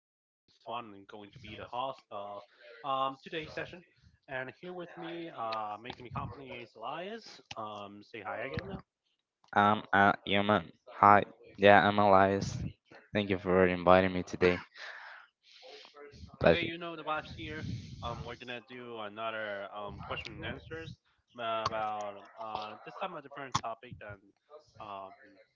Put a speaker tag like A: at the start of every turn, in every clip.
A: My name is Swan, and I'm going to be the host of today's session. And here with me, making me company is Elias. Say hi again.
B: I'm a human. Hi. Yeah, I'm Elias. Thank you for inviting me today.
A: Okay,
B: Pleasure.
A: you know the vibes here. We're gonna do another question and answers about this time a different topic than um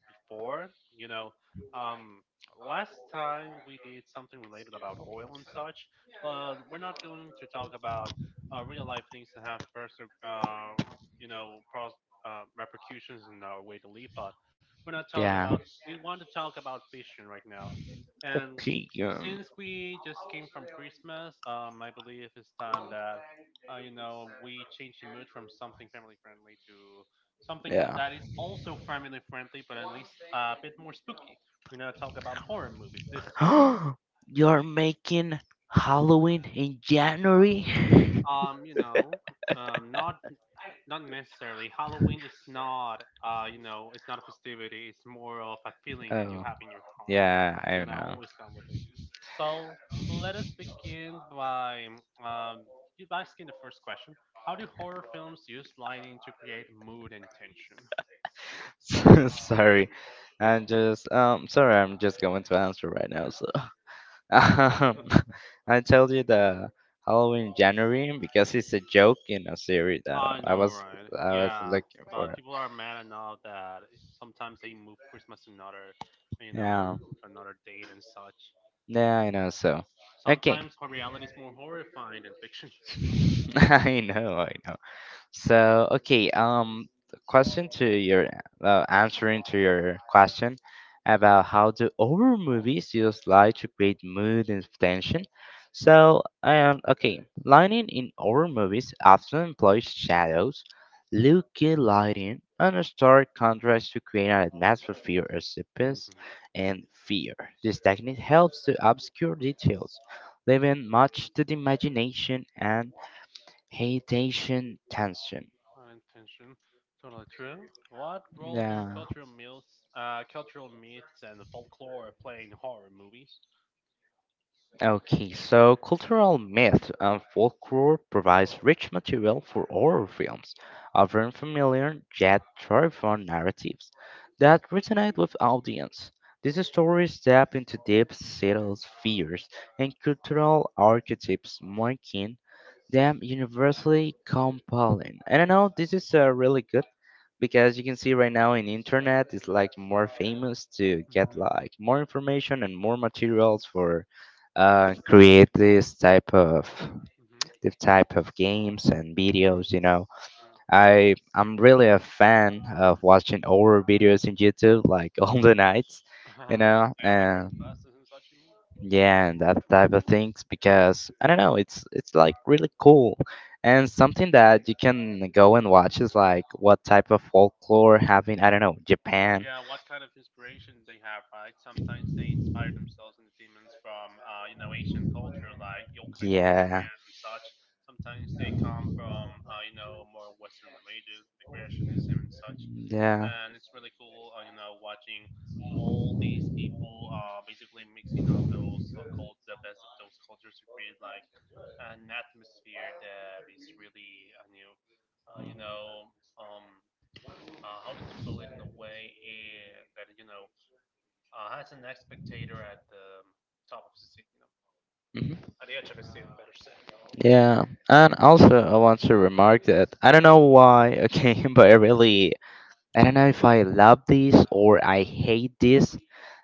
A: before. You know, um last time we did something related about oil and such, but we're not going to talk about real life things that have personal you know pros repercussions in our way to live. But we're not talk
B: Yeah.
A: about we want to talk about fishing right now. And
B: Okay.
A: since we just came from Christmas, I believe it's time that, you know, we change the mood from something family friendly to something
B: Yeah.
A: that is also family friendly, but at least a bit more spooky. We're gonna talk about horror movies this time.
B: You're making Halloween in January?
A: You know, um not not necessarily. Halloween is not you know, it's not a festivity. It's more of a feeling that you
B: Oh,
A: have in your heart.
B: yeah,
A: It's
B: I
A: gonna
B: know.
A: always come with it, so let us begin by um by asking the first question: how do horror films use lighting to create mood and tension?
B: Sorry, sorry, I'm just going to answer right now. So um, I told you the Halloween January because it's a joke in a series that
A: I know, right?
B: I was
A: Yeah,
B: looking
A: but
B: for.
A: people are mad enough that sometimes they move Christmas to another, you know,
B: Yeah.
A: to another date and such.
B: Yeah, I know so. Okay.
A: Reality is more horrifying than fiction.
B: I know, I know. So, okay, the question to your answering to your question about how do horror movies use light to create mood and tension. So, okay, lighting in horror movies often employs shadows, leaky lighting, and a stark contrast to create an atmosphere of suspense
A: Mhm.
B: and fear. This technique helps to obscure details, leaving much to the imagination and hesitation tension.
A: Unintention, totally true. What role do
B: Yeah.
A: cultural myths and folklore play in horror movies?
B: Okay, so cultural myth and folklore provides rich material for horror films, offering familiar yet terrifying narratives that resonate with audience. These stories tap into deep-seated fears and cultural archetypes, making them universally compelling. And I know this is a really good because you can see right now in internet it's like more famous to get
A: Hmm
B: like more information and more materials for create this type of games and videos you know
A: hmm
B: I'm really a fan of watching horror videos in youtube like all the nights you
A: Uh-huh.
B: know
A: Yeah, like
B: and
A: creepypastas and such, you mean?
B: yeah, and that type of things because I don't know, it's like really cool. And something that you can go and watch is like what type of folklore having I don't know,
A: Oh
B: Japan.
A: yeah, what kind of inspiration they have, right? Sometimes they inspire themselves in the demons from you know, ancient culture, like yokais from
B: Yeah.
A: Japan and such. Sometimes they come from you know, more Western religions, like creationism and such. And it's really cool, you know, watching all these people basically mixing up those cult the best of those cultures to create like
B: Yeah.
A: an atmosphere that is really, you know, um how did you put it in a way, that you know, has an spectator at the top of his seat, you know,
B: Mhm.
A: at the edge of his seat, better said.
B: Yeah, and also I want to remark that I don't know why, okay, but I really I don't know if I love this or I hate this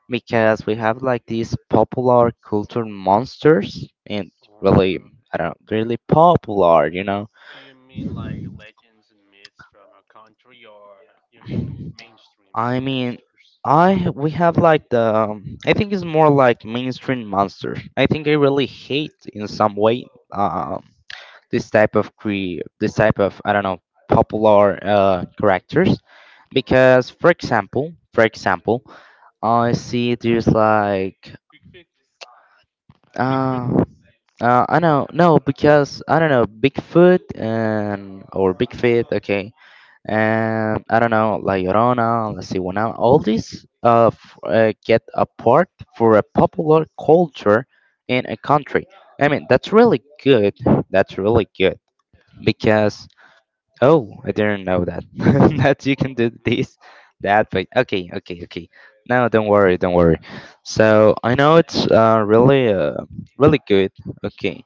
B: because we have like these popular culture monsters and
A: Oh,
B: really
A: true.
B: I don't really popular, you know.
A: Do you mean like legends and myths from a country, or you mean mainstream
B: I mean,
A: monsters?
B: I we have like the I think it's more like mainstream monsters. I think I really hate in some way um, this type of I don't know popular characters
A: Hmm
B: because for example I see there's like
A: Bigfoot. Bigfoot.
B: uh, I know no because I don't know Bigfoot and or Bigfoot okay and I don't know, La Llorona, La Cigüeñal, all these get a part for a popular culture in a country. I mean, that's really good. That's really good because oh, I didn't know that that you can do this,
A: Hmm
B: that. But okay, okay, okay. No, don't worry, don't worry. So I know it's really, really good. Okay,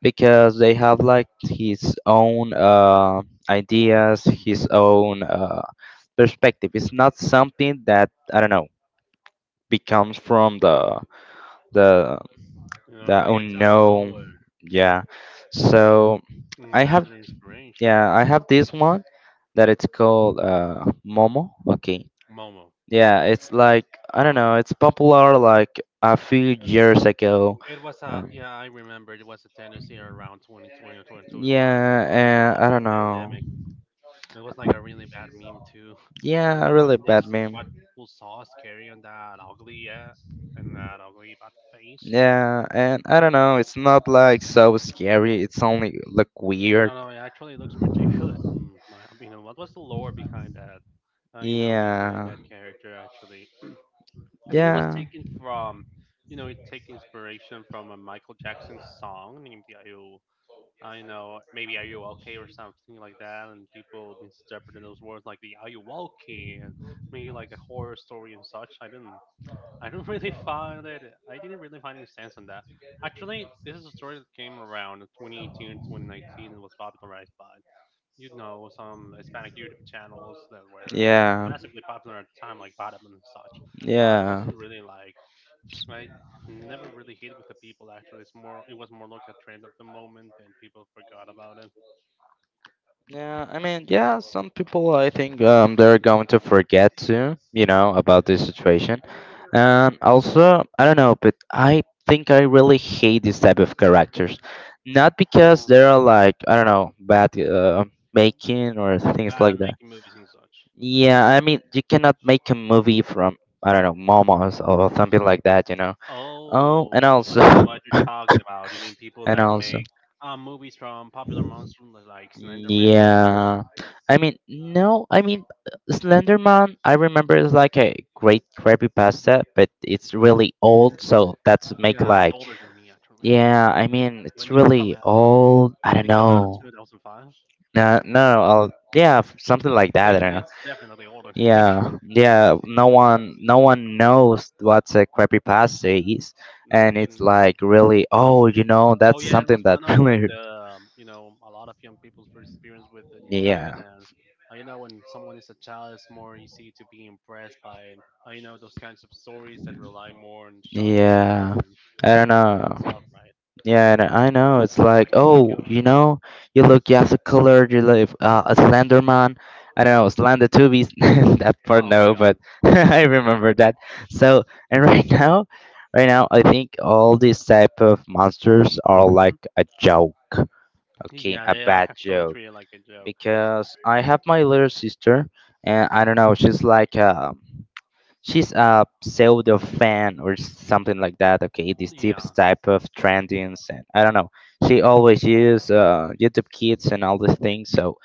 B: because they have like his own ideas, his
A: hmm
B: own. Perspective. It's not something that I don't know becomes from the
A: You
B: the
A: know, that gets out of
B: unknown.
A: nowhere.
B: Yeah. So
A: And you
B: I
A: have
B: have
A: the inspiration.
B: yeah I have this one that it's called Momo. Okay.
A: Momo.
B: Yeah, it's like I don't
A: Ah.
B: know. It's popular like a few years ago.
A: It was a
B: Um,
A: yeah, I remember it was a tendency around 2020 or 2021 at the start
B: yeah,
A: of
B: I
A: the
B: don't know.
A: pandemic. It was like a really bad meme too. I don't
B: Yeah,
A: know
B: a
A: what
B: really
A: did they,
B: bad meme.
A: what people saw us carrying that ugly and that ugly bad face.
B: Yeah, and I don't know, it's not like so scary, it's only like
A: I
B: weird.
A: don't know. It actually looks ridiculous on my opinion. What was the lore behind that? You know, behind
B: Yeah.
A: that character actually. I think it was
B: Yeah.
A: taken from, you know, it take inspiration from a Michael Jackson song named "You." You know, maybe are you okay or something like that, and people misinterpreted those words like the are you okay and maybe like a horror story and such. I didn't, I do not really find it. I didn't really find any sense on that. Actually, this is a story that came around in 2018, 2019, and was popularized by you know some Hispanic YouTube channels that were
B: Yeah.
A: massively popular at the time, like Bottom and such. But it
B: Yeah.
A: wasn't really like I never really hit with the people. Actually, it was more like a trend of the moment, and people forgot about it.
B: Yeah, I mean, yeah, some people I think they're going to forget to, you know, about this situation. Also, I don't know, but I think I really hate this type of characters. Not because
A: Oh,
B: they're like, I don't know, bad making or things
A: bad at
B: like that.
A: making movies and such.
B: Yeah, I mean, you cannot make a movie from I don't know, momos or something like that, you know. Oh,
A: Oh,
B: and also
A: I see what you're talking about. You mean people
B: and
A: that
B: also.
A: make movies from popular monsters like Slenderman and such?
B: Yeah. I mean, no, I mean, Slenderman, I remember it's like a great creepy pasta, but it's really old, so that's make
A: Yeah, it's
B: like,
A: older than me actually.
B: yeah, I
A: When,
B: mean,
A: when
B: it's
A: did it come
B: really
A: out?
B: old. I
A: Did
B: don't
A: it come out in
B: know.
A: 2005?
B: No, no, no, I'll, yeah, f- something like
A: Okay,
B: that. I
A: then
B: don't know.
A: it's definitely older than me.
B: Yeah, yeah.
A: Jesus Christ.
B: No one knows what's a creepy pasta is,
A: No one
B: and it's
A: didn't.
B: like really, oh, you know,
A: Oh
B: that's
A: yeah, it
B: something
A: was
B: that
A: one of
B: really,
A: the you know, a lot of young people's first experience with the internet.
B: yeah,
A: And you know, when someone is a child, it's more easy to be impressed by, you know, those kinds of stories that rely more on shock factor
B: yeah.
A: than
B: I
A: in
B: don't
A: the writing
B: know.
A: itself, right?
B: Yeah, and I know. It's like,
A: Like Dr.
B: oh,
A: Kill-
B: you know, you look Yasa colored, you look a Slender Man. I don't know, Slender Tubies. that part,
A: Oh my
B: no, but
A: God.
B: I remember that. So, and right now, right now, I think all these type of monsters are like a joke. Okay,
A: Yeah,
B: a
A: they are
B: bad
A: actually
B: joke.
A: treated like a joke.
B: Because I have my little sister, and I don't know, she's like, she's a pseudo fan or something like that. Okay, this type
A: Yeah,
B: type of trendings and I don't know.
A: like a
B: She
A: band.
B: always use
A: And
B: YouTube Kids and all these things. So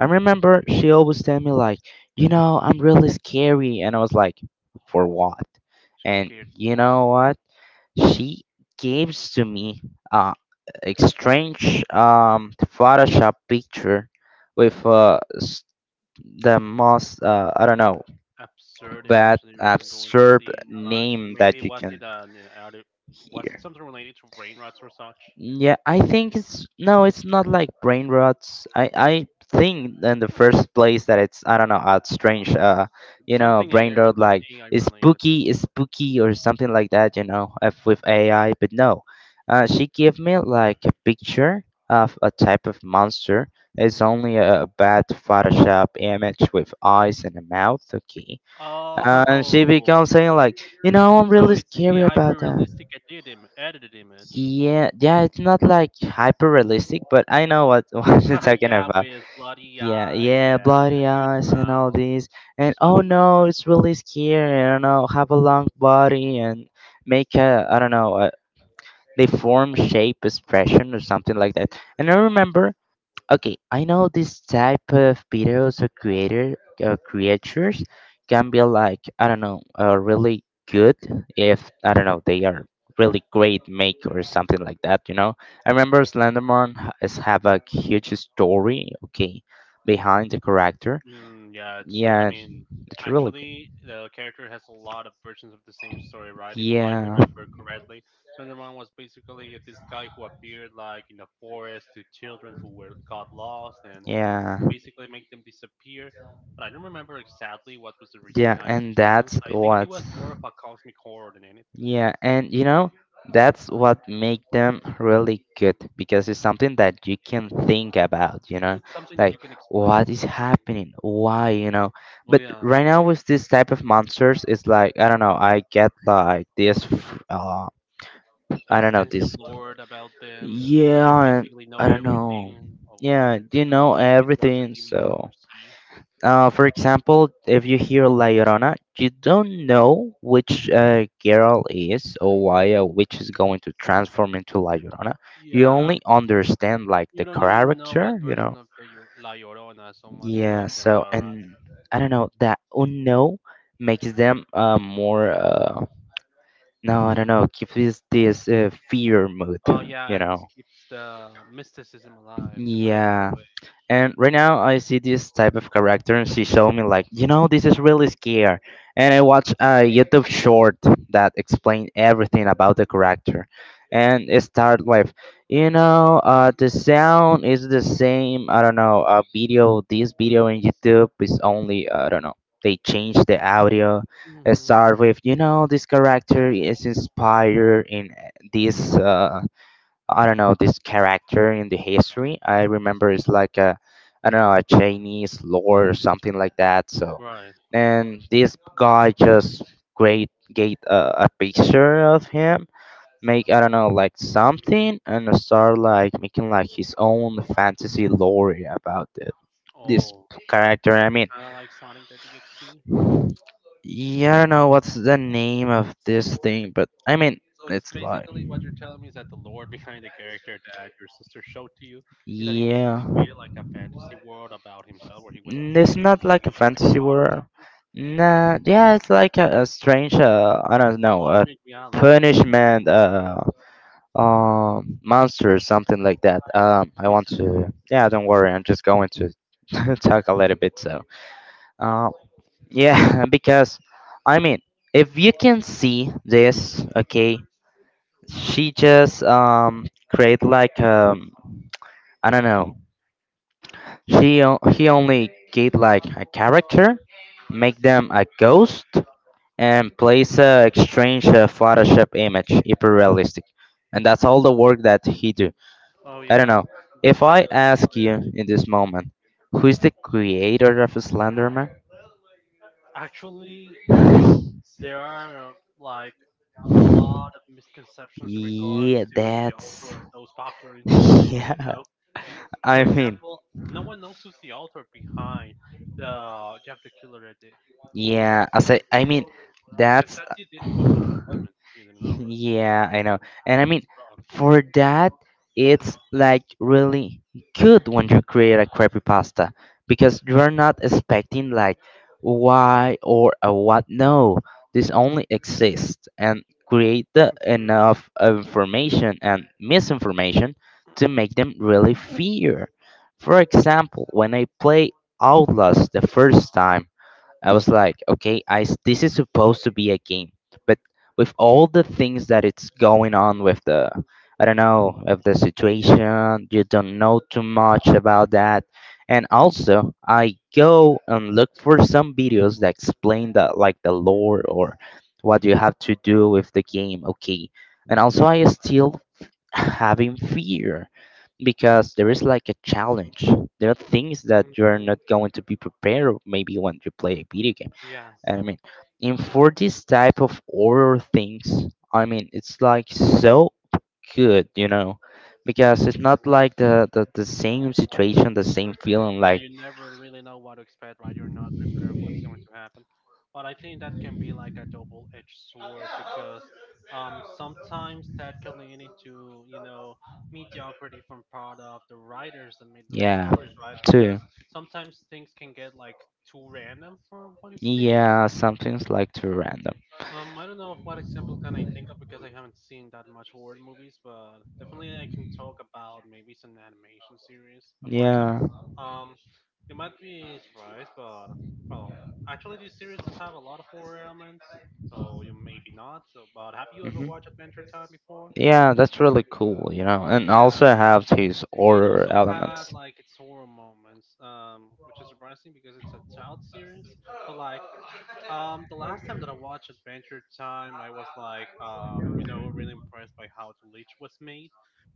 B: I remember she always tell me like, you know, I'm really scary, and I was like, for what?
A: she's
B: And
A: scared for
B: you
A: what?
B: know what? She gives to me uh, a strange Photoshop picture with the most I don't know
A: Absurd image
B: bad
A: that you're even going to
B: absurd
A: see in your life?
B: name that
A: Maybe
B: you
A: was
B: can
A: it an are there- was it
B: hear.
A: something related to brain rots or such?
B: Yeah, I think it's no, it's not like brain rots. I think in the first place that it's I don't know, a strange you know,
A: Something in
B: brain
A: AI
B: rot
A: related.
B: like
A: AI related.
B: is spooky or something like that, you know, if with AI, but no. She gave me like a picture of a type of monster. It's
A: Hmm.
B: only a bad Photoshop image with eyes and a mouth, okay. And she
A: Oh,
B: becomes saying like, you know, I'm
A: so
B: really
A: it's the
B: scary
A: hyper
B: about that.
A: realistic edited, Im- edited image.
B: Yeah, yeah, it's not like hyper realistic, but I know what what you're talking
A: Yeah,
B: about.
A: with bloody
B: Yeah,
A: eyes
B: yeah,
A: and a
B: bloody
A: huge
B: eyes and all
A: mouth,
B: this,
A: huge
B: and oh
A: smiling mouth.
B: no, it's really scary. I don't know, have a long body and make a I don't know, a, they form shape expression or something like that. And I remember okay, I know this type of videos or creator creatures can be like I don't know, really good if I don't know they are really great maker or something like that. You know, I remember is have a huge story. Okay, behind the character.
A: Mm, yeah, it's true. I
B: Yeah,
A: mean,
B: it's really good.
A: actually, the character has a lot of versions of the same story, right? If I
B: Yeah,
A: remember correctly, Slenderman was basically this guy who appeared like in the forest to children who were got lost and
B: yeah,
A: he basically make them disappear. But I don't remember exactly what was the reason
B: yeah,
A: behind his
B: and
A: existence.
B: that's
A: I think he
B: what.
A: was more of a cosmic horror than anything.
B: Yeah, and you know, that's what make them really good because it's something that you can think about, you
A: You,
B: know,
A: it's something that you
B: like
A: can
B: what
A: explain.
B: is happening, why, you know.
A: Well,
B: But
A: yeah.
B: right now with this type of monsters, it's like I don't know, I get like this, I don't know,
A: Extensive
B: this.
A: lore about them, and you
B: Yeah, and
A: basically know
B: I don't know.
A: everything of what,
B: Yeah, you
A: you know,
B: know
A: like if it was a
B: everything,
A: demon or a
B: so.
A: sea.
B: For example, if you hear La Llorona, you don't know which girl is or why a witch is going to transform into La Llorona. You
A: Yeah,
B: only understand like the
A: you don't even know
B: character,
A: what
B: you know.
A: version of the La Llorona someone is
B: Yeah,
A: talking
B: so
A: about, right?
B: and I don't know that unknown makes them more no I don't know gives this fear mood
A: Oh yeah,
B: you
A: it
B: know
A: keeps the mysticism alive to put it in a
B: yeah.
A: way.
B: And right now, I see this type of character, and she showed me like, you know, this is really scary. And I watched a YouTube short that explained everything about the character, and it started with, you know, the sound is the same. I don't know, video. This video in YouTube is only, I don't know. They changed the audio. It
A: Hmm
B: started with, you know, this character is inspired in this. I don't know this character in the history. I remember it's like a I don't know a Chinese lore or something like that. So
A: Right.
B: and this guy just great get a picture of him, make I don't know like something, and start like making like his own fantasy lore about it. This
A: Oh,
B: character, I mean,
A: kind of like Sonic the DXC.
B: yeah, I don't know what's the name of this thing, but I mean,
A: So it's
B: it's like.
A: basically what you're telling me is that the lore behind the character that your sister showed to you is that he basically
B: Yeah.
A: created like a fantasy world about himself where he was
B: Mm, it's not like a
A: like
B: fantasy
A: God or
B: world.
A: something,
B: Nah, yeah, it's like a strange, I don't know, a
A: alternate reality. Give
B: punishment monster, something like that. I
A: me a
B: want
A: second.
B: to, yeah, don't worry, I'm just going to talk a little bit. So, uh, yeah, because I mean, if you can see this, okay, she just create like I don't know she he only keep like a character,
A: Raya?
B: make them a ghost, and place a strange Photoshop image, hyper realistic, and that's all the work that he do.
A: Oh
B: I don't
A: yeah,
B: know. If
A: basically.
B: I ask you in this moment, who is the creator of Slenderman?
A: Actually, you know, there are like a lot of misconceptions in regards
B: Yeah,
A: to the
B: that's
A: author of those popular internet memes, you
B: yeah.
A: know. N- For
B: I mean.
A: example, no one knows who's the author behind the Jeff the Killer edit
B: Yeah, as I mean,
A: because
B: that's
A: that
B: uh,
A: dude did photos of women. You didn't know, right?
B: yeah, I know. And I
A: True,
B: mean,
A: God.
B: for that, it's like really good when you create a creepypasta because you're not expecting like why or a what. No, this only exists and create the
A: True,
B: enough information and misinformation to make them really fear. For example, when I play Outlast the first time, I was like, okay, this is supposed to be a game, but with all the things that it's going on with I don't know, of the situation, you don't know too much about that, and also I go and look for some videos that explain the lore or what
A: true,
B: you have to do with the game, okay, and also I still having fear because there is like a challenge. There are things that
A: mm,
B: you're
A: mm,
B: not going to be prepared maybe when you play
A: mm.
B: a video game.
A: Yeah.
B: And I mean, in for this type of horror things, I mean, it's like so good
A: yeah.
B: because it's not like the same situation, the same feeling,
A: Yeah,
B: like,
A: you never really know what to expect, right? You're not prepared of what's going to happen. But I think that can be like a double-edged sword because sometimes that can lead into you know mediocrity from part of the writers that made those
B: yeah,
A: stories, right? Because
B: too.
A: sometimes things can get like too random for one's thing.
B: Yeah, something's like too random.
A: I don't know what example can I think of because I haven't seen that much horror movies, but definitely I can talk about maybe some animation series. For example.
B: Yeah.
A: Um, you might be surprised, but well, actually, this series does have a lot of horror elements, so you maybe not. So, but have you ever
B: Hmm.
A: watched Adventure Time before?
B: Yeah, that's really cool, you know,
A: Oh
B: and
A: yeah,
B: also have his
A: it
B: horror
A: also had
B: elements.
A: like its horror moments, which is surprising because it's a child series. But like, the last time that I watched Adventure Time, I was like, you know, really impressed by how the Leech was made.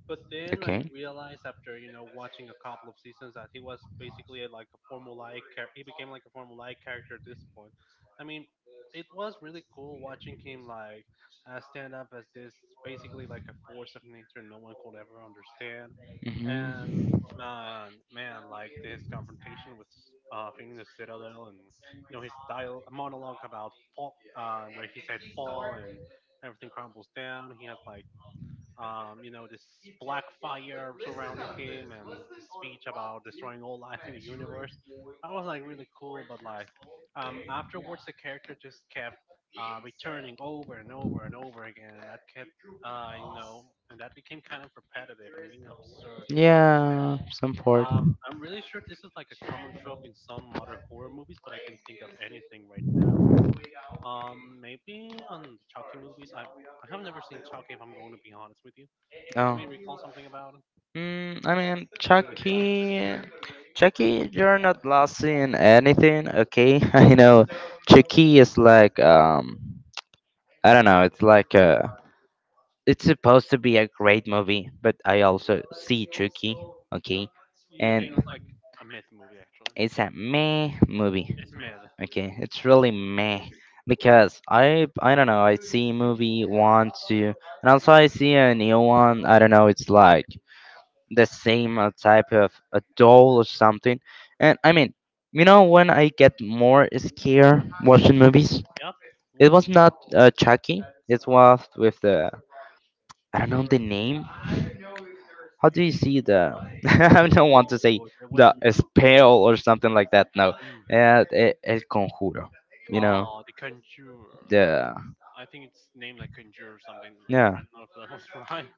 A: But then I
B: Okay.
A: realized after you know watching a couple of seasons that he was basically a, like a formulaic. He became like a formulaic character at this point. I mean, it was really cool watching him like stand up as this basically like a force of nature no one could ever understand. And
B: Hmm.
A: like his confrontation with Phoenix Citadel and you know his dial monologue about fall, where he said fall and everything crumbles down. He has like you know this black fire surrounding him and his speech about destroying all life in the universe. That was like really cool, but like afterwards the character just kept returning over and over and over again. That kept you know, and that became kind of repetitive and even absurd.
B: Yeah, some part.
A: I'm really sure this is like a common trope in some other horror movies, but I can think of anything right now. Maybe on the Chucky movies. I have never seen Chucky. If I'm going to be honest with you, but it
B: Oh.
A: may recall something about it.
B: Mm, I mean,
A: Maybe we did.
B: Chucky, Chucky, you're not losing anything, okay? I know Chucky is like, I don't know, it's like, it's supposed to be a great movie, but I also see Chucky, okay?
A: You
B: And
A: think it's like a myth movie? Actually,
B: it's a meh movie,
A: it's myth.
B: okay? It's really meh. Because I don't know, I see movie one, two, and also I see a new one, I don't know, it's like, the same type of a doll or something. And I mean, you
A: Mhm.
B: know, when I get more scared watching movies,
A: Yep.
B: it
A: When the,
B: was not Chucky. It was with the I don't know the name. How do you see the? I don't want to say
A: oh, there
B: the
A: wasn't.
B: spell or something like that. No,
A: Mm.
B: el, el conjuro. You know
A: Oh, the Conjure.
B: the
A: I think it's named like Conjure or something. I
B: yeah.
A: don't know if that was right.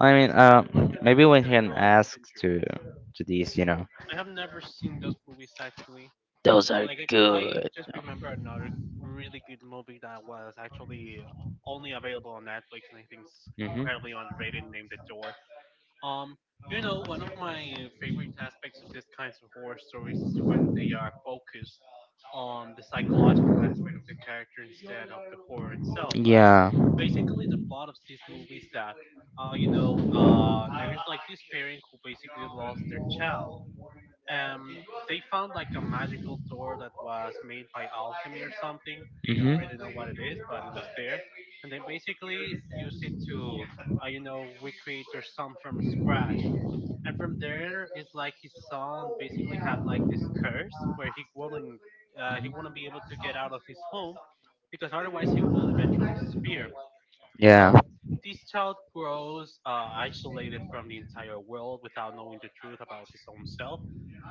B: I
A: The
B: mean,
A: spell. Looking at it,
B: maybe
A: the
B: we can
A: spell, it's
B: ask
A: Conjure.
B: to this, you know.
A: I have never seen those movies actually.
B: Those are
A: Like I
B: good.
A: just remember another really good movie that was actually only available on Netflix, and I think it's
B: Hmm.
A: incredibly underrated, named The Door. Um, you know, one of my favorite aspects of these kinds of horror stories is when they are focused on the psychological aspect of the character instead of the horror itself, right?
B: Yeah.
A: Basically the plot of these movies that there is like this parent who basically lost their child, um, they found like a magical door that was made by alchemy or something. They don't
B: Hmm.
A: really know what it is, but it was there, and they basically used it to, recreate their son from scratch. And from there, it's like his son basically had like this curse where he wouldn't be able to get out of his home because otherwise he will eventually disappear.
B: Yeah.
A: So this child grows isolated from the entire world without knowing the truth about his own self.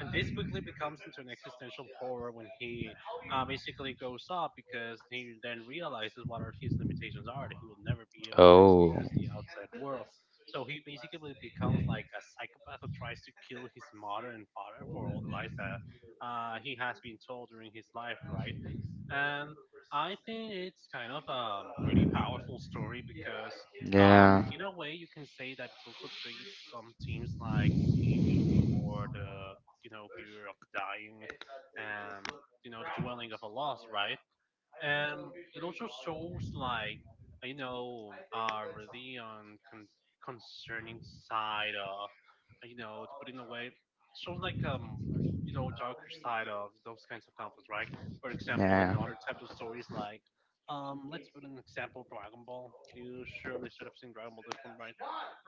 A: And this quickly becomes into an existential horror when he basically grows up because he then realizes what are his limitations are. That he will never be able to
B: Oh.
A: experience the outside world. So he basically becomes like a psychopath who tries to kill his mother and father for all the lies that he has been told during his life, right? And I think it's kind of a pretty powerful story because,
B: Yeah.
A: in a way, you can say that it also treats some teams like escapism or the fear of dying, um, you know the dwelling of a loss, right? And it also shows like really concerning side of, you know, to put in a way, shows like you know, darker side of those kinds of conflicts, right? For example, in
B: Yeah.
A: other types of stories, like, let's put an example, Dragon Ball. You surely should have seen Dragon Ball at this point, right?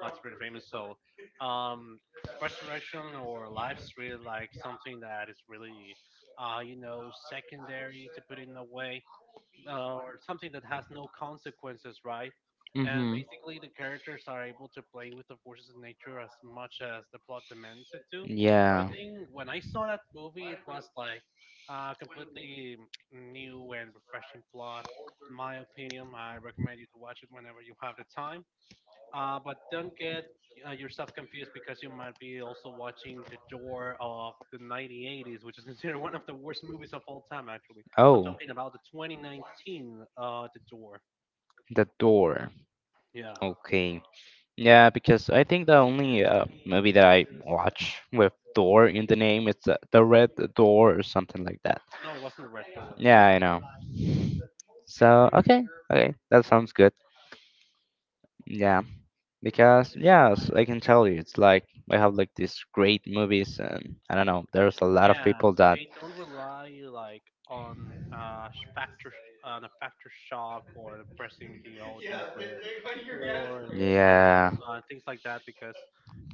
A: It's pretty famous. So, um, resurrection or life's really like something that is really, secondary to put in a way, or something that has no consequences, right? And
B: Hmm.
A: basically, the characters are able to play with the forces of nature as much as the plot demands it to. So I
B: Yeah.
A: think when I saw that movie, it was like a completely new and refreshing plot. In my opinion, I recommend you to watch it whenever you have the time. But don't get yourself confused because you might be also watching The Door of the 1980s, which is considered one of the worst movies of all time, actually. I'm
B: Oh.
A: talking about the 2019 The Door.
B: The door.
A: Yeah.
B: Okay. Yeah, because I think the only movie that I watch with door in the name is The Red Door or something like that.
A: No, it wasn't the Red Door. It's
B: Yeah,
A: just,
B: I know. So, okay. Okay. That sounds good. Yeah, because yes, I can tell you, it's like we have like these great movies, and I don't know, there's a lot of
A: yeah,
B: people that.
A: they don't rely like on on a factor shock or impressing the audience with gore and such
B: Yeah,
A: things like that because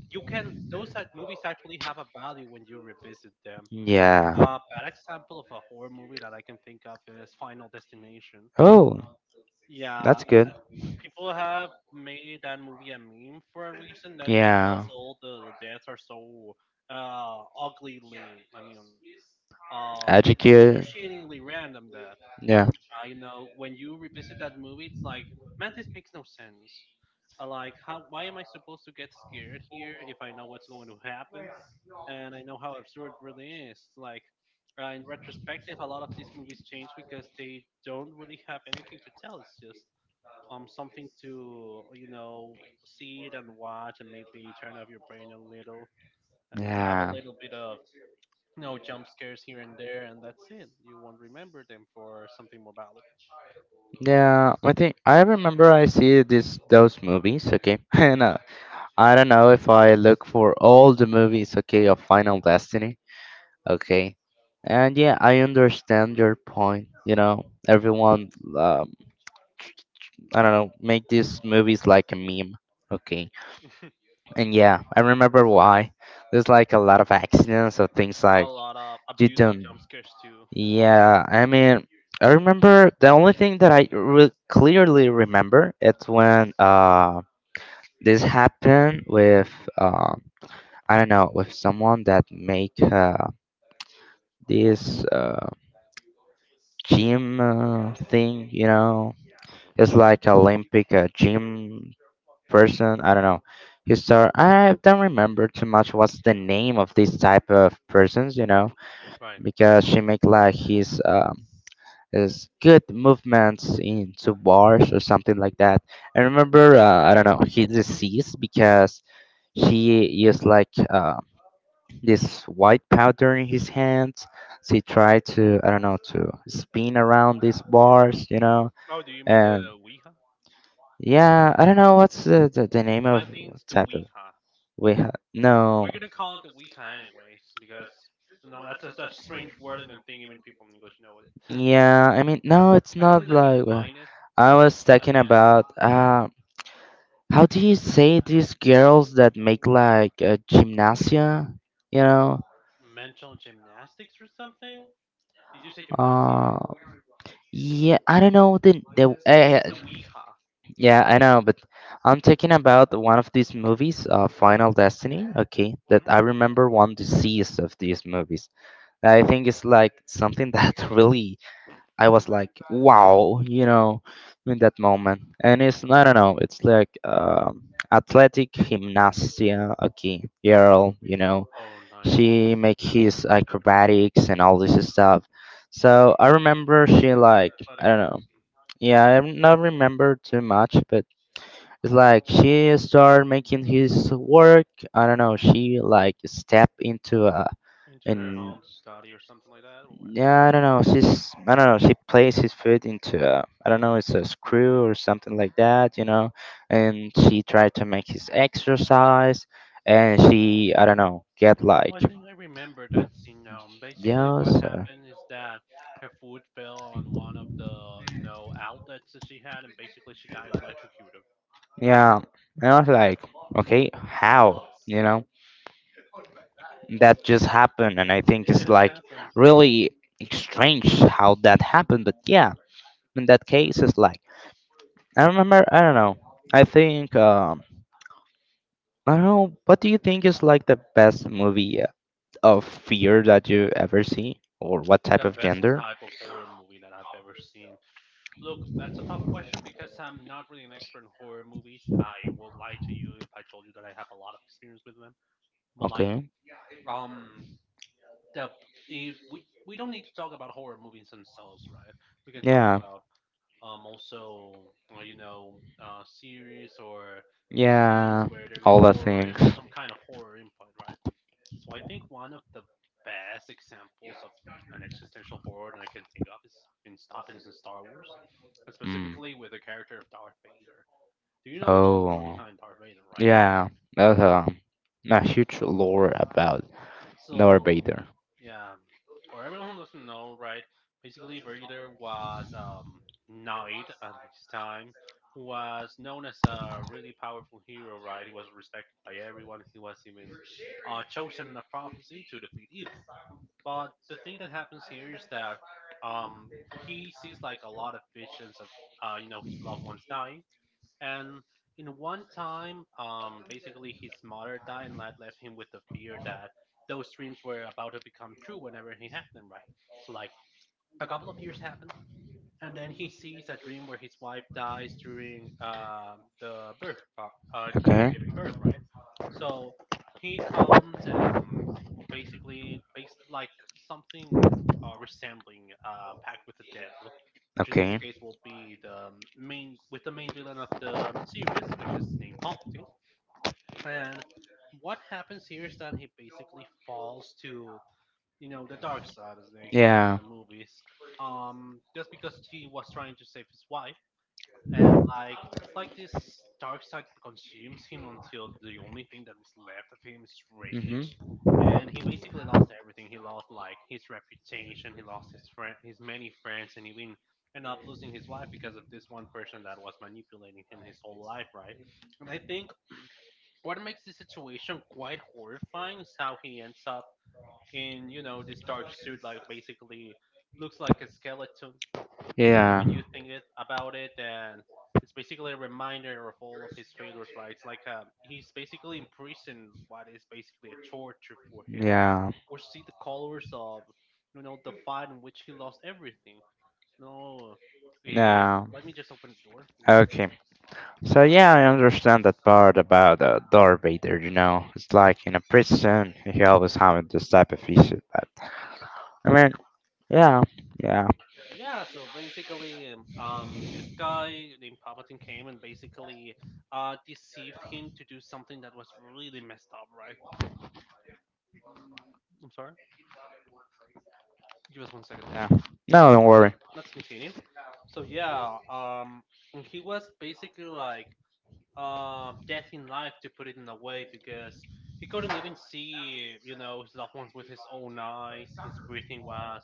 A: you can those movies actually have a value when you revisit them.
B: yeah.
A: Bad example of a horror movie that I can think of is Final Destination.
B: Oh,
A: Yeah,
B: that's good.
A: people have made that movie a meme for a reason. That's because
B: Yeah.
A: all the deaths are so uh, uglyly, I mean, um,
B: Educate.
A: hideously random that,
B: Yeah.
A: when you revisit that movie, it's like, man, this makes no sense. Like, how? Why am I supposed to get scared here if I know what's going to happen? And I know how absurd it really is. Like in retrospective, a lot of these movies change because they don't really have anything to tell. It's just something to, you know, see it and watch, and maybe turn off your brain a little, uh, have a
B: Yeah.
A: little bit of jump scares here and there, and that's it. You won't remember them for something more valuable.
B: Yeah, I think I remember I see this those movies, okay? And I don't know if I look for all the movies, okay, of Final Destiny, okay? And yeah, I understand your point, you know. Everyone um, I don't know, make these movies like a meme, okay? And yeah, I remember why. There's like a lot of accidents or things
A: A
B: like
A: lot of abuse of
B: Didn't.
A: jump scares too.
B: Yeah, I mean, I remember the only thing that clearly remember it's when this happened with um I don't know with someone that make this gym thing you know it's
A: Hmm.
B: like Olympic gym person I don't know he start I don't remember too much what's the name of this type of persons you know
A: Right.
B: because she make like his is good movements into bars or something like that. I remember, I don't know, he deceased because she used like this white powder in his hands. She tried to, I don't know, to spin around these bars, you know,
A: Oh, do you mean
B: and
A: the Ouija?
B: yeah, I don't know what's the name of
A: I think it's the
B: type of.
A: Ouija.
B: No.
A: We're gonna call it the Ouija anyways because no, that's just a strange word, and I don't think even people in English know it.
B: Yeah, I mean, no, it's
A: Actually,
B: not
A: let me
B: like. Well,
A: find it.
B: I was
A: Let
B: talking
A: me ask you.
B: about how do you say these girls that make like gymnasia? You know,
A: Mental gymnastics or something? Did you say gymnasia?
B: uh, yeah, I don't know the
A: Yeah, it's the Ouija.
B: yeah, I know, but I'm talking about one of these movies, Final Destiny. Okay, that I remember one disease of these movies. I think it's like something that really I was like, wow, you know, in that moment. And it's I don't know, it's like athletic gymnasia. Okay, girl, you know,
A: Oh, like
B: she make his acrobatics and all this stuff. So I remember she like I
A: robotic
B: don't know
A: person
B: yeah, I don't not remember too much, but it's like she started making his work. I don't know. She like stepped into a
A: into her
B: and
A: home to study or something like that, or what?
B: yeah, I don't know. She's I don't know. She placed his foot into a I don't know. It's a screw or something like that, you know. And she tried to make his exercise, and she I don't know get like
A: Oh, I think I remember that scene now. Basically,
B: yeah,
A: what
B: so,
A: happened is that her food fell on one of the, you know, outlets that she had, and basically she got electrocuted.
B: yeah. And I was like, okay, how you know? That just happened and I think
A: Yeah, it
B: it's
A: just
B: like
A: happens.
B: really strange how that happened but yeah in that case it's like I remember I don't know I think I don't know what do you think is like the best movie of fear that you ever see or what type
A: The
B: of
A: best
B: gender
A: type of horror movie that I've ever seen. Look, that's a tough question because I'm not really an expert in horror movies. I will lie to you if I told you that I have a lot of experience with them. But like,
B: okay
A: um, the if we we don't need to talk about horror movies themselves, right? We can talk
B: yeah
A: about also series or uh, scenes
B: yeah
A: where there is
B: all the
A: horror
B: things.
A: in, some kind of horror input, right? So I think one of the best examples of an existential horror that I can think of is in Stop is in Star Wars, and
B: Mm.
A: specifically with the character of Darth Vader. Do you know the lore
B: Oh,
A: behind Darth Vader, right?
B: yeah,
A: You
B: that's
A: know it?
B: a huge lore about Darth
A: So,
B: Vader.
A: yeah, for everyone who doesn't know, right, basically Vader was knight at his time, was known as a really powerful hero, right? He was respected by everyone. He was even chosen in a prophecy to defeat evil. But the thing that happens here is that, um, he sees like a lot of visions of, his loved ones dying, and in one time, basically his mother died, and that left him with the fear that those dreams were about to become true whenever he had them. Right. So like a couple of years happens and then he sees a dream where his wife dies during during
B: Okay,
A: giving birth, right? So he comes and basically based like something resembling pact with the devil, which in this
B: okay,
A: case will be the main villain of the series, which is named Palpatine. And what happens here is that he basically falls to, you know, the dark side, as they call it in
B: yeah,
A: the movies, just because he was trying to save his wife. And like, it's like this dark side consumes him until the only thing
B: mm-hmm,
A: that is left of him is rage. And he basically lost everything. He lost like his reputation. He lost his many friends, and even ended up losing his wife because of this one person that was manipulating him his whole life, right? And I think what makes the situation quite horrifying is how he ends up, and you know this dark suit like basically looks like a skeleton to
B: yeah,
A: when you think it about it, and it's basically a reminder of all of his failures, right? It's like, he's basically in prison, what is basically a torture for him
B: yeah,
A: or see the colors of, you know, the fight in which he lost everything. No, uh,
B: yeah.
A: let me just open the door. Give me
B: Okay,
A: a
B: so yeah, I understand that part about Darth Vader. You know, it's like in a prison, he always having this type of issue. But I mean, yeah, yeah,
A: Yeah, so basically, this guy named Palpatine came and basically deceived him to do something that was really messed up, right? I'm sorry? Give us 1 second, please.
B: yeah. No, don't
A: Now,
B: worry.
A: let's continue. So, yeah, and he was basically like death in life, to put it in a way, because he couldn't even see, you know, his loved ones with his own eyes. His breathing was,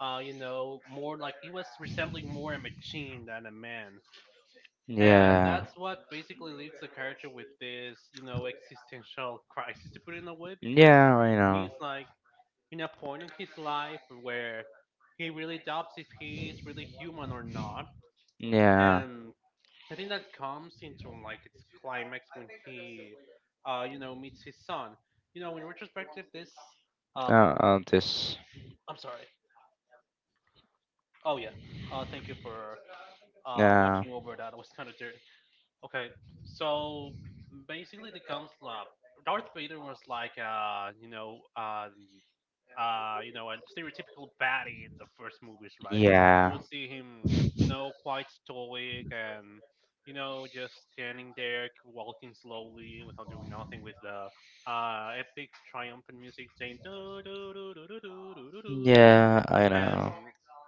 A: more like he was resembling more a machine than a man. And
B: Yeah,
A: that's what basically leaves the character with this, you know, existential crisis to put it in a way, because
B: yeah, I know.
A: he's like in a point in his life where he really doubts if he's really human or not.
B: Yeah,
A: And I think that comes into like its climax when he, meets his son. You know, in retrospective, this, um,
B: this.
A: I'm sorry. Oh yeah. Thank you for
B: Yeah,
A: watching over that. I was kind of dirty. Okay, so basically, the comes Darth Vader was like a stereotypical baddie in the first movies, right? You
B: yeah,
A: would see him, you know, quite stoic and, you know, just standing there, walking slowly without doing nothing, with the epic triumphant music saying do do do do do do do do,
B: yeah, I
A: and
B: know.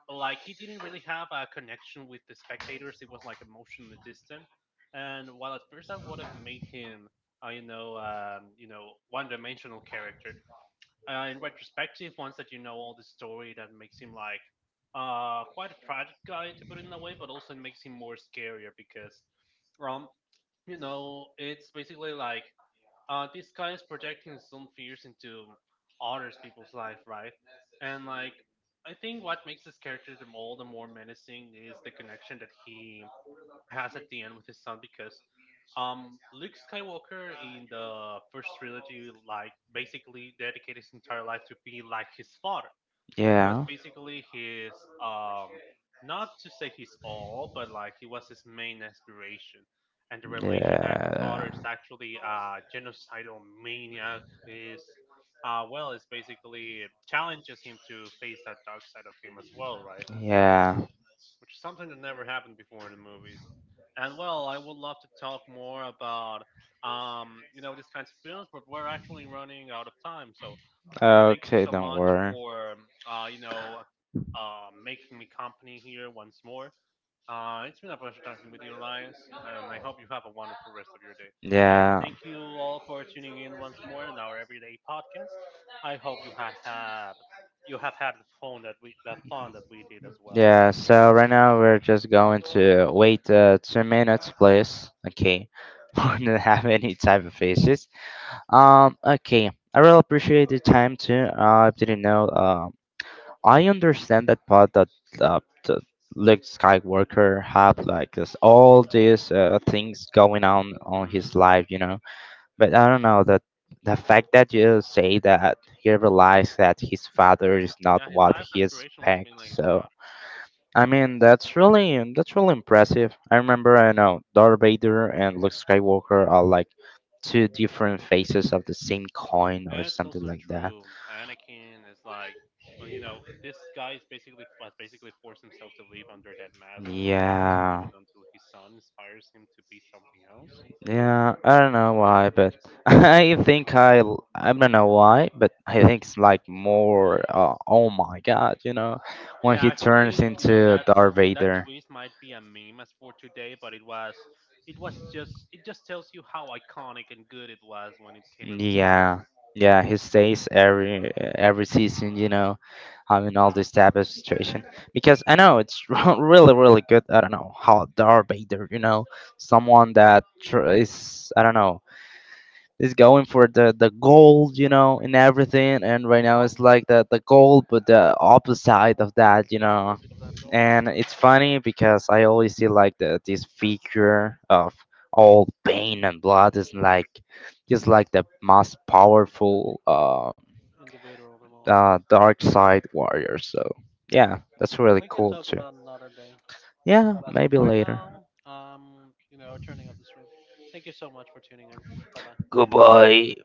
A: like he didn't really have a connection with the spectators. It was like emotionally distant, and while at first that would have made him, one-dimensional character. In retrospective, once that you know all the story, that makes him like quite a tragic guy to put it in a way, but also it makes him more scarier because um you know it's basically like, this guy is projecting his own fears into others people's life, right? And like, I think what makes this character the all the more menacing is the connection that he has at the end with his son, because, Luke Skywalker in the first trilogy, like, basically dedicated his entire life to be like his father. It was
B: Yeah,
A: basically his um not to say his all, but like he was his main aspiration. And the revelation that his father
B: yeah,
A: is actually a genocidal maniac is well, it's basically challenges him to face that dark side of him as well, right?
B: yeah.
A: Which is something that never happened before in the movies. And well, I would love to talk more about, you know, these kinds of films, but we're actually running out of time. So thank you
B: Okay,
A: so
B: don't
A: much
B: worry.
A: for making me company here once more. It's been a pleasure talking with you, Elias, and I hope you have a wonderful rest of your day. And
B: Yeah,
A: thank you all for tuning in once more in our everyday podcast. I hope you have had the fun that we the fun that we did as well.
B: yeah. So right now we're just going to wait 2 minutes, please. Okay, we don't have any type of faces. Okay. I really appreciate the time too. I didn't know. I understand that part that uh, the Luke Skywalker have like this all these things going on his
A: Hmm.
B: life. You know But I don't know that the fact that you say that he realized that his father is not
A: Yeah, his
B: what
A: life
B: he
A: aspiration was being
B: expects.
A: like his
B: So
A: father.
B: I mean that's really impressive. I remember I know Darth Vader and Luke Skywalker are like two different faces of the same coin or
A: That's
B: something
A: also
B: like that.
A: true. Anakin is like, well, you know, this guy is basically has basically forced himself to live under that mask. He's unable to leave
B: Yeah,
A: it until his son inspires him to be something else.
B: yeah. I don't know why, but I think I don't know why, but I think it's like more. Oh my God, you know, when
A: Yeah,
B: he turns
A: actually, you know
B: into
A: that
B: Darth
A: that
B: Vader.
A: twist might be a meme as for today, but it just tells you how iconic and good it was when it came in time.
B: Yeah, yeah, he stays every season, you know, having all this type of situation because I know it's really really good. I don't know how Darth Vader, you know, someone that is I don't know is going for the gold, you know, and everything, and right now it's like the gold, but the opposite of that, you
A: The
B: know
A: opposite of that gold
B: and it's
A: spoon,
B: funny because I always see like the this figure of all pain and blood is like just like the most powerful
A: of them all.
B: dark side warrior. So yeah, that's really
A: We can
B: cool
A: talk
B: too.
A: about another day.
B: Yeah,
A: But as of
B: maybe
A: right
B: later.
A: now, you know, turning off the stream. Thank you so much for tuning in. Bye bye.
B: Goodbye.